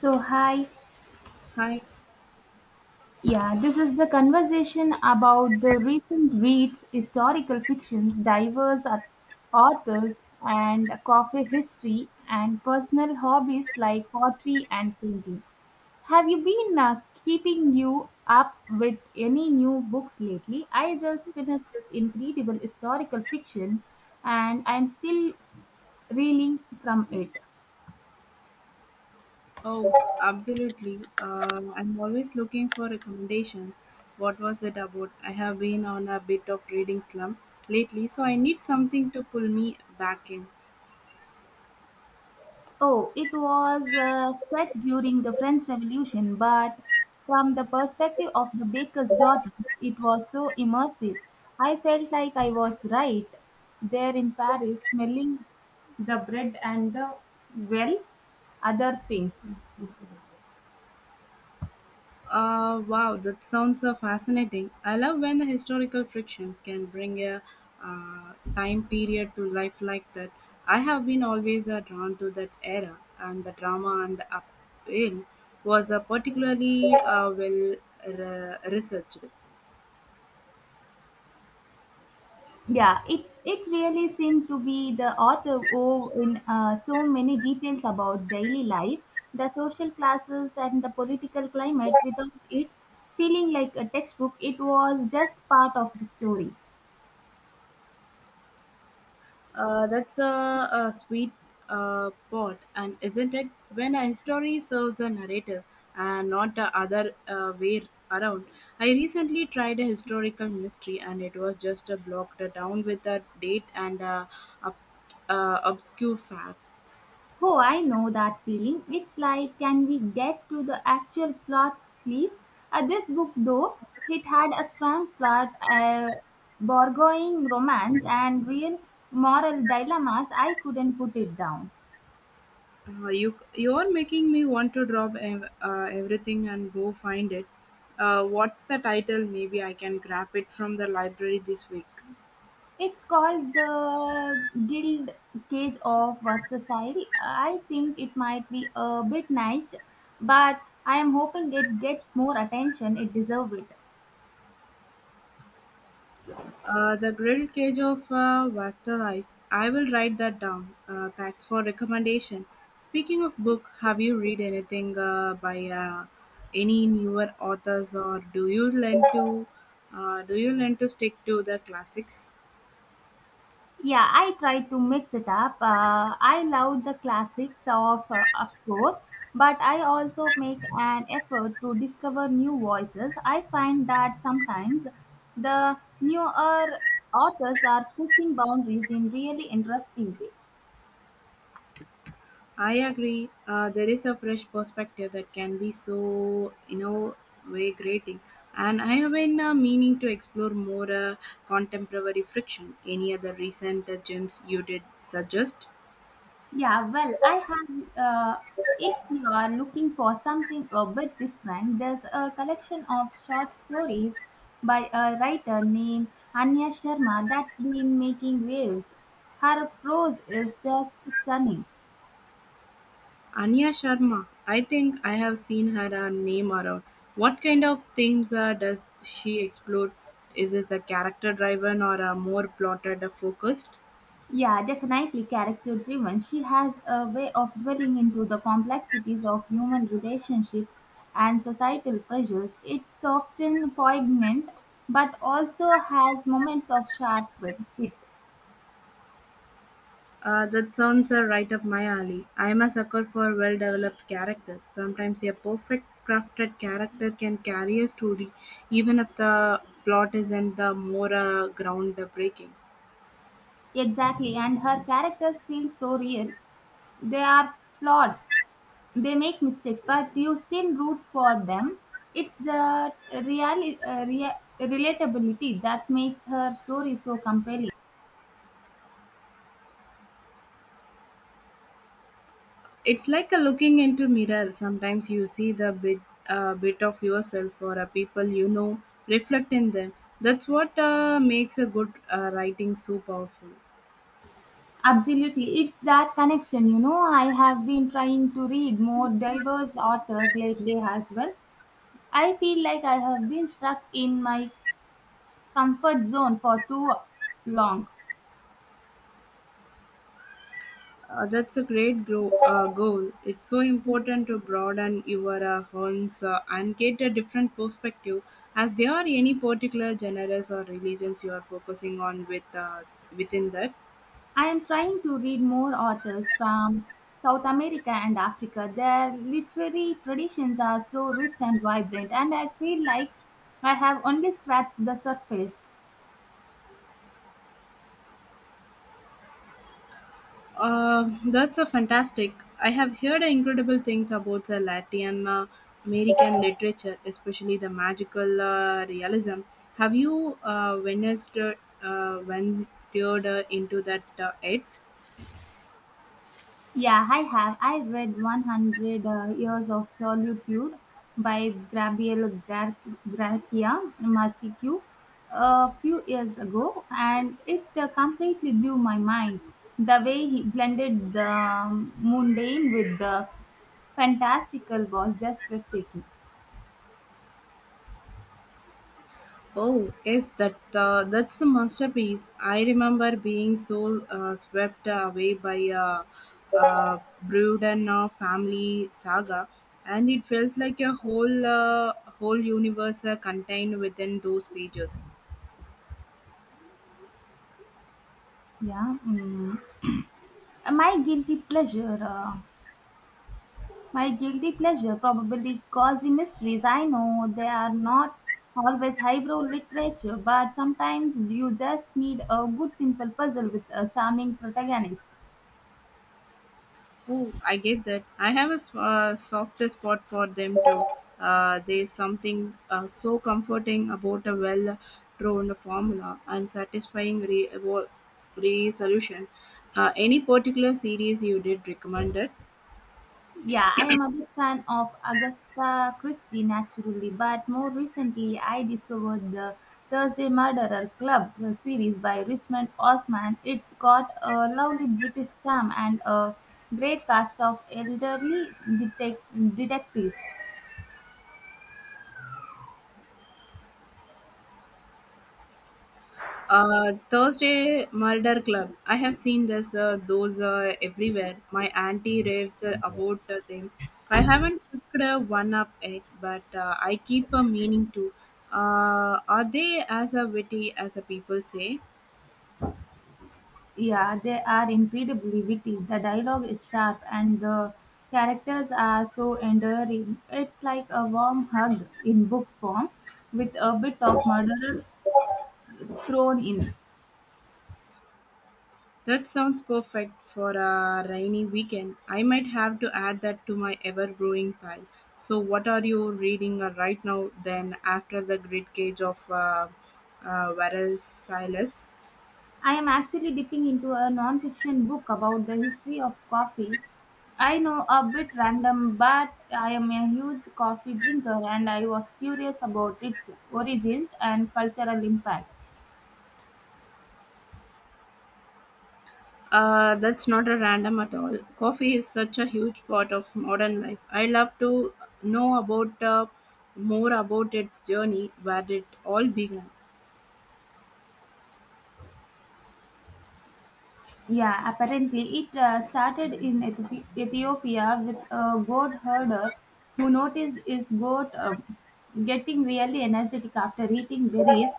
So, hi. Hi. Yeah, this is the conversation about the recent reads, historical fictions, diverse authors, and coffee history, and personal hobbies like pottery and painting. Have you been keeping you up with any new books lately? I just finished this incredible historical fiction and I'm still reeling from it. Oh, absolutely. I'm always looking for recommendations. What was it about? I have been on a bit of reading slump lately, so I need something to pull me back in. Oh, it was set during the French Revolution, but from the perspective of the baker's daughter, it was so immersive. I felt like I was right there in Paris, smelling the bread and the, well, other things. Wow, that sounds fascinating. I love when the historical frictions can bring a time period to life like that. I have been always drawn to that era, and the drama and the upheaval was particularly well researched. Yeah, it really seemed to be the author wove in so many details about daily life, the social classes, and the political climate. Without it feeling like a textbook, it was just part of the story. That's a sweet pot, and isn't it? When a history serves a narrative and not the other way around. I recently tried a historical mystery, and it was just a blocked down with a date and ob- obscure facts. Oh, I know that feeling. It's like, can we get to the actual plot, please? This book, though, it had a strong plot, borrowing romance, and real moral dilemmas. I couldn't put it down. You are making me want to drop everything and go find it. What's the title? Maybe I can grab it from the library this week. It's called the Guild Cage of Versailles. I think it might be a bit niche, but I am hoping it gets more attention. It deserves it. The grilled cage of Wastel Ice. I will write that down. Thanks for recommendation. Speaking of book, have you read anything by any newer authors, or do you lend to stick to the classics? Yeah, I try to mix it up. I love the classics of course, but I also make an effort to discover new voices. I find that sometimes the newer authors are pushing boundaries in really interesting ways. I agree. There is a fresh perspective that can be so way grating. And I have been meaning to explore more contemporary friction. Any other recent gems you did suggest? Yeah, well, I have. Uh, if you are looking for something a bit different, there's a collection of short stories by a writer named Anya Sharma that's been making waves. Her prose is just stunning. Anya Sharma. I think I have seen her name around. What kind of themes does she explore? Is it the character driven or a more plotted focused? Yeah, definitely character driven. She has a way of dwelling into the complexities of human relationships and societal pressures. It's often poignant, but also has moments of sharp wit. That sounds right up my alley. I am a sucker for well developed characters. Sometimes a perfect crafted character can carry a story, even if the plot isn't the more groundbreaking. Exactly, and her characters feel so real. They are flawed, they make mistakes, but you still root for them. It's the real, relatability that makes her story so compelling. It's like a looking into mirror. Sometimes you see the bit of yourself or a people you know reflect in them. That's what makes a good writing so powerful. Absolutely, it's that connection. You know, I have been trying to read more diverse authors lately as well. I feel like I have been stuck in my comfort zone for too long. That's a great goal. It's so important to broaden your horns and get a different perspective. As there are any particular genres or religions you are focusing on with within that. I am trying to read more authors from South America and Africa. Their literary traditions are so rich and vibrant, and I feel like I have only scratched the surface. That's a fantastic. I have heard incredible things about the Latin American literature, especially the magical realism. Have you witnessed ventured into that yet? Yeah, I have. I read 100 Years of Solitude by Garcia Marchiku a few years ago, and it completely blew my mind. The way he blended the mundane with the fantastical was just breathtaking. Oh, yes, that's a masterpiece. I remember being so swept away by a uh, Bruden family saga, and it feels like a whole universe contained within those pages. Yeah. Mm. My guilty pleasure. Uh, My guilty pleasure probably cozy mysteries. I know they are not always highbrow literature, but sometimes you just need a good simple puzzle with a charming protagonist. Oh, I get that. I have a softer spot for them too. There's something so comforting about a well drawn formula and satisfying resolution. Any particular series you did recommend it? Yeah, I am a big fan of Agatha Christie naturally, but more recently I discovered the Thursday Murderer Club series by Richmond Osman. It's got a lovely British charm and a great cast of elderly detectives. Thursday Murder Club. I have seen this, those everywhere. My auntie raves about them. I haven't picked one up yet, but I keep meaning to. Are they as witty as people say? Yeah, they are incredibly witty. The dialogue is sharp and the characters are so endearing. It's like a warm hug in book form with a bit of murder thrown in. That sounds perfect for a rainy weekend. I might have to add that to my ever growing pile. So, what are you reading right now then after the Grid cage of Varicella? I am actually dipping into a non-fiction book about the history of coffee. I know a bit random, but I am a huge coffee drinker and I was curious about its origins and cultural impact. That's not a random at all. Coffee is such a huge part of modern life. I love to know about more about its journey, where it all began. Yeah, apparently it started in Ethiopia with a goat herder who noticed his goat getting really energetic after eating berries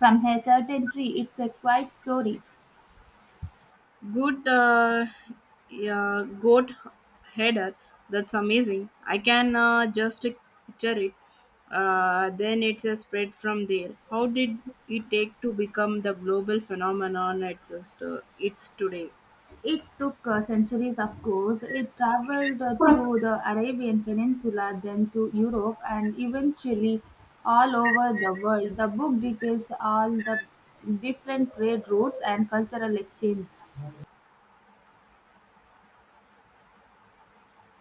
from a certain tree. It's a quiet story. Good, yeah, goat header. That's amazing. I can just picture it. Then it's a spread from there. How did it take to become the global phenomenon it's today? It took centuries, of course. It traveled through the Arabian Peninsula, then to Europe, and eventually all over the world. The book details all the different trade routes and cultural exchanges.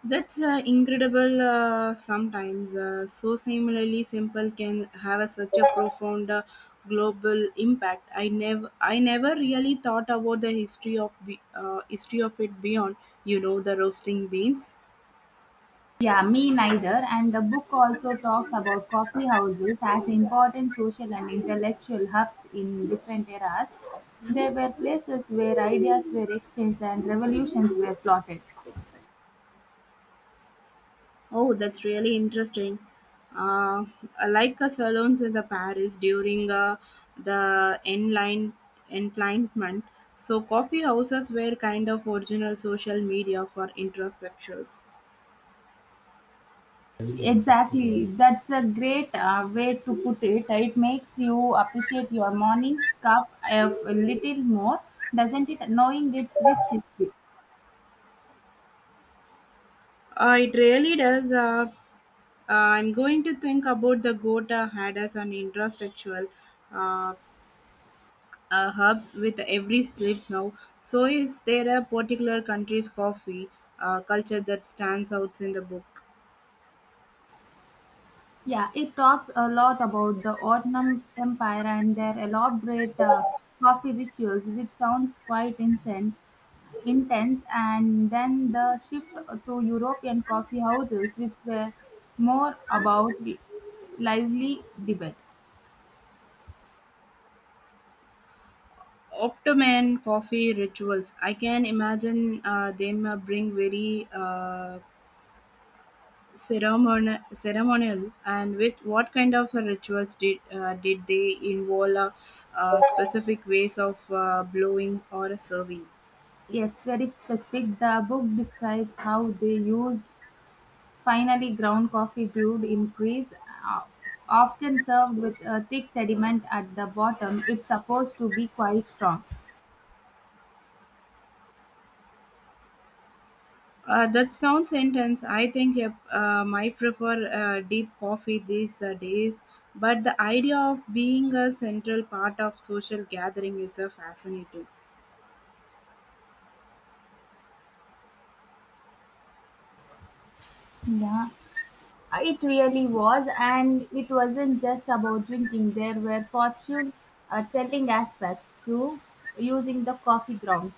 That's incredible. Sometimes, so similarly simple can have a, such a profound global impact. I never really thought about the history of it beyond. You know, the roasting beans. Yeah, me neither. And the book also talks about coffee houses as important social and intellectual hubs in different eras. They were places where ideas were exchanged and revolutions were plotted. Oh, that's really interesting. Uh, like salons in the Paris during the enline enlightenment. So, coffee houses were kind of original social media for introsexuals. Exactly, that's a great way to put it. It makes you appreciate your morning cup a little more, doesn't it? Knowing its rich history. It really does. I'm going to think about the Gota had as an infrastructural uh, hubs with every slip now. So, is there a particular country's coffee culture that stands out in the book? Yeah, it talks a lot about the Ottoman Empire and their elaborate coffee rituals, which sounds quite intense. And then the shift to European coffee houses, which were more about lively debate. Optoman coffee rituals. I can imagine them bring very ceremonial and with what kind of rituals did they involve specific ways of blowing or serving Yes, very specific. The book describes how they used finely ground coffee brewed in Greece, uh, often served with a thick sediment at the bottom. It's supposed to be quite strong. That sounds intense. I think yep, might prefer deep coffee these days, but the idea of being a central part of social gathering is fascinating. Yeah, it really was, and it wasn't just about drinking. There were fortune telling aspects to using the coffee grounds.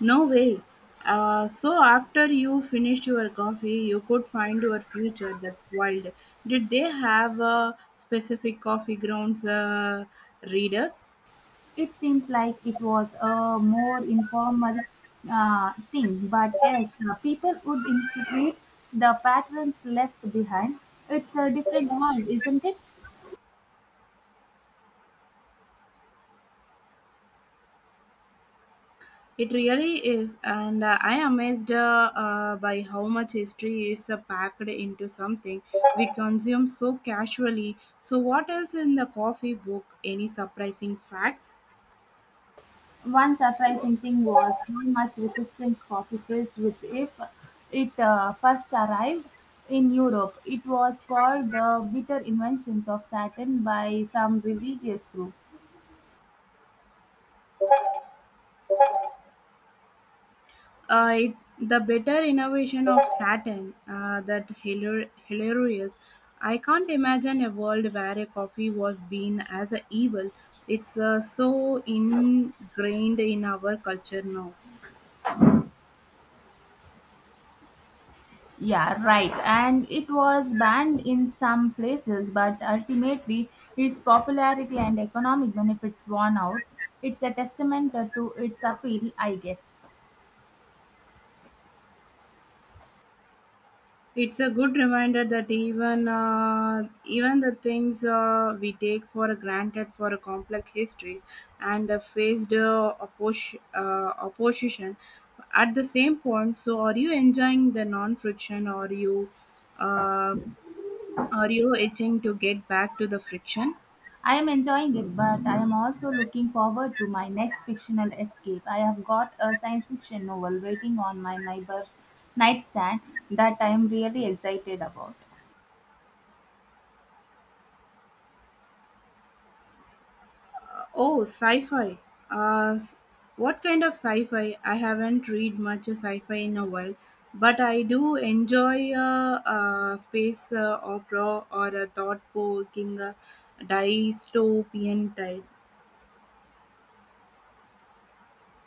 No way. So after you finished your coffee, you could find your future. That's wild. Did they have specific coffee grounds readers? It seems like it was a more informal thing, but yes, people would interpret the patterns left behind. It's a different world, isn't it? It really is, and I am amazed by how much history is packed into something we consume so casually. So, what else in the coffee book? Any surprising facts? One surprising thing was how much resistance coffee faced with if it first arrived in Europe. It was called the bitter inventions of Satan by some religious group. It, the better innovation of Saturn, that hilarious. I can't imagine a world where a coffee was being as a evil. It's so ingrained in our culture now. Yeah, right. And it was banned in some places, but ultimately its popularity and economic benefits won out. It's a testament to its appeal, I guess. It's a good reminder that even the things we take for granted for a complex histories and faced opposition at the same point. So, are you enjoying the non-friction, or you uh, are you itching to get back to the friction? I am enjoying it, but I am also looking forward to my next fictional escape. I have got a science fiction novel waiting on my neighbor's nightstand that I am really excited about. Oh, sci-fi. Uh, s- what kind of sci-fi? I haven't read much sci-fi in a while, but I do enjoy space opera or a thought-provoking dystopian type.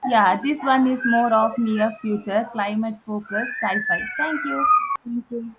Yeah, this one is more of near future, climate focused sci fi. Thank you. Thank you.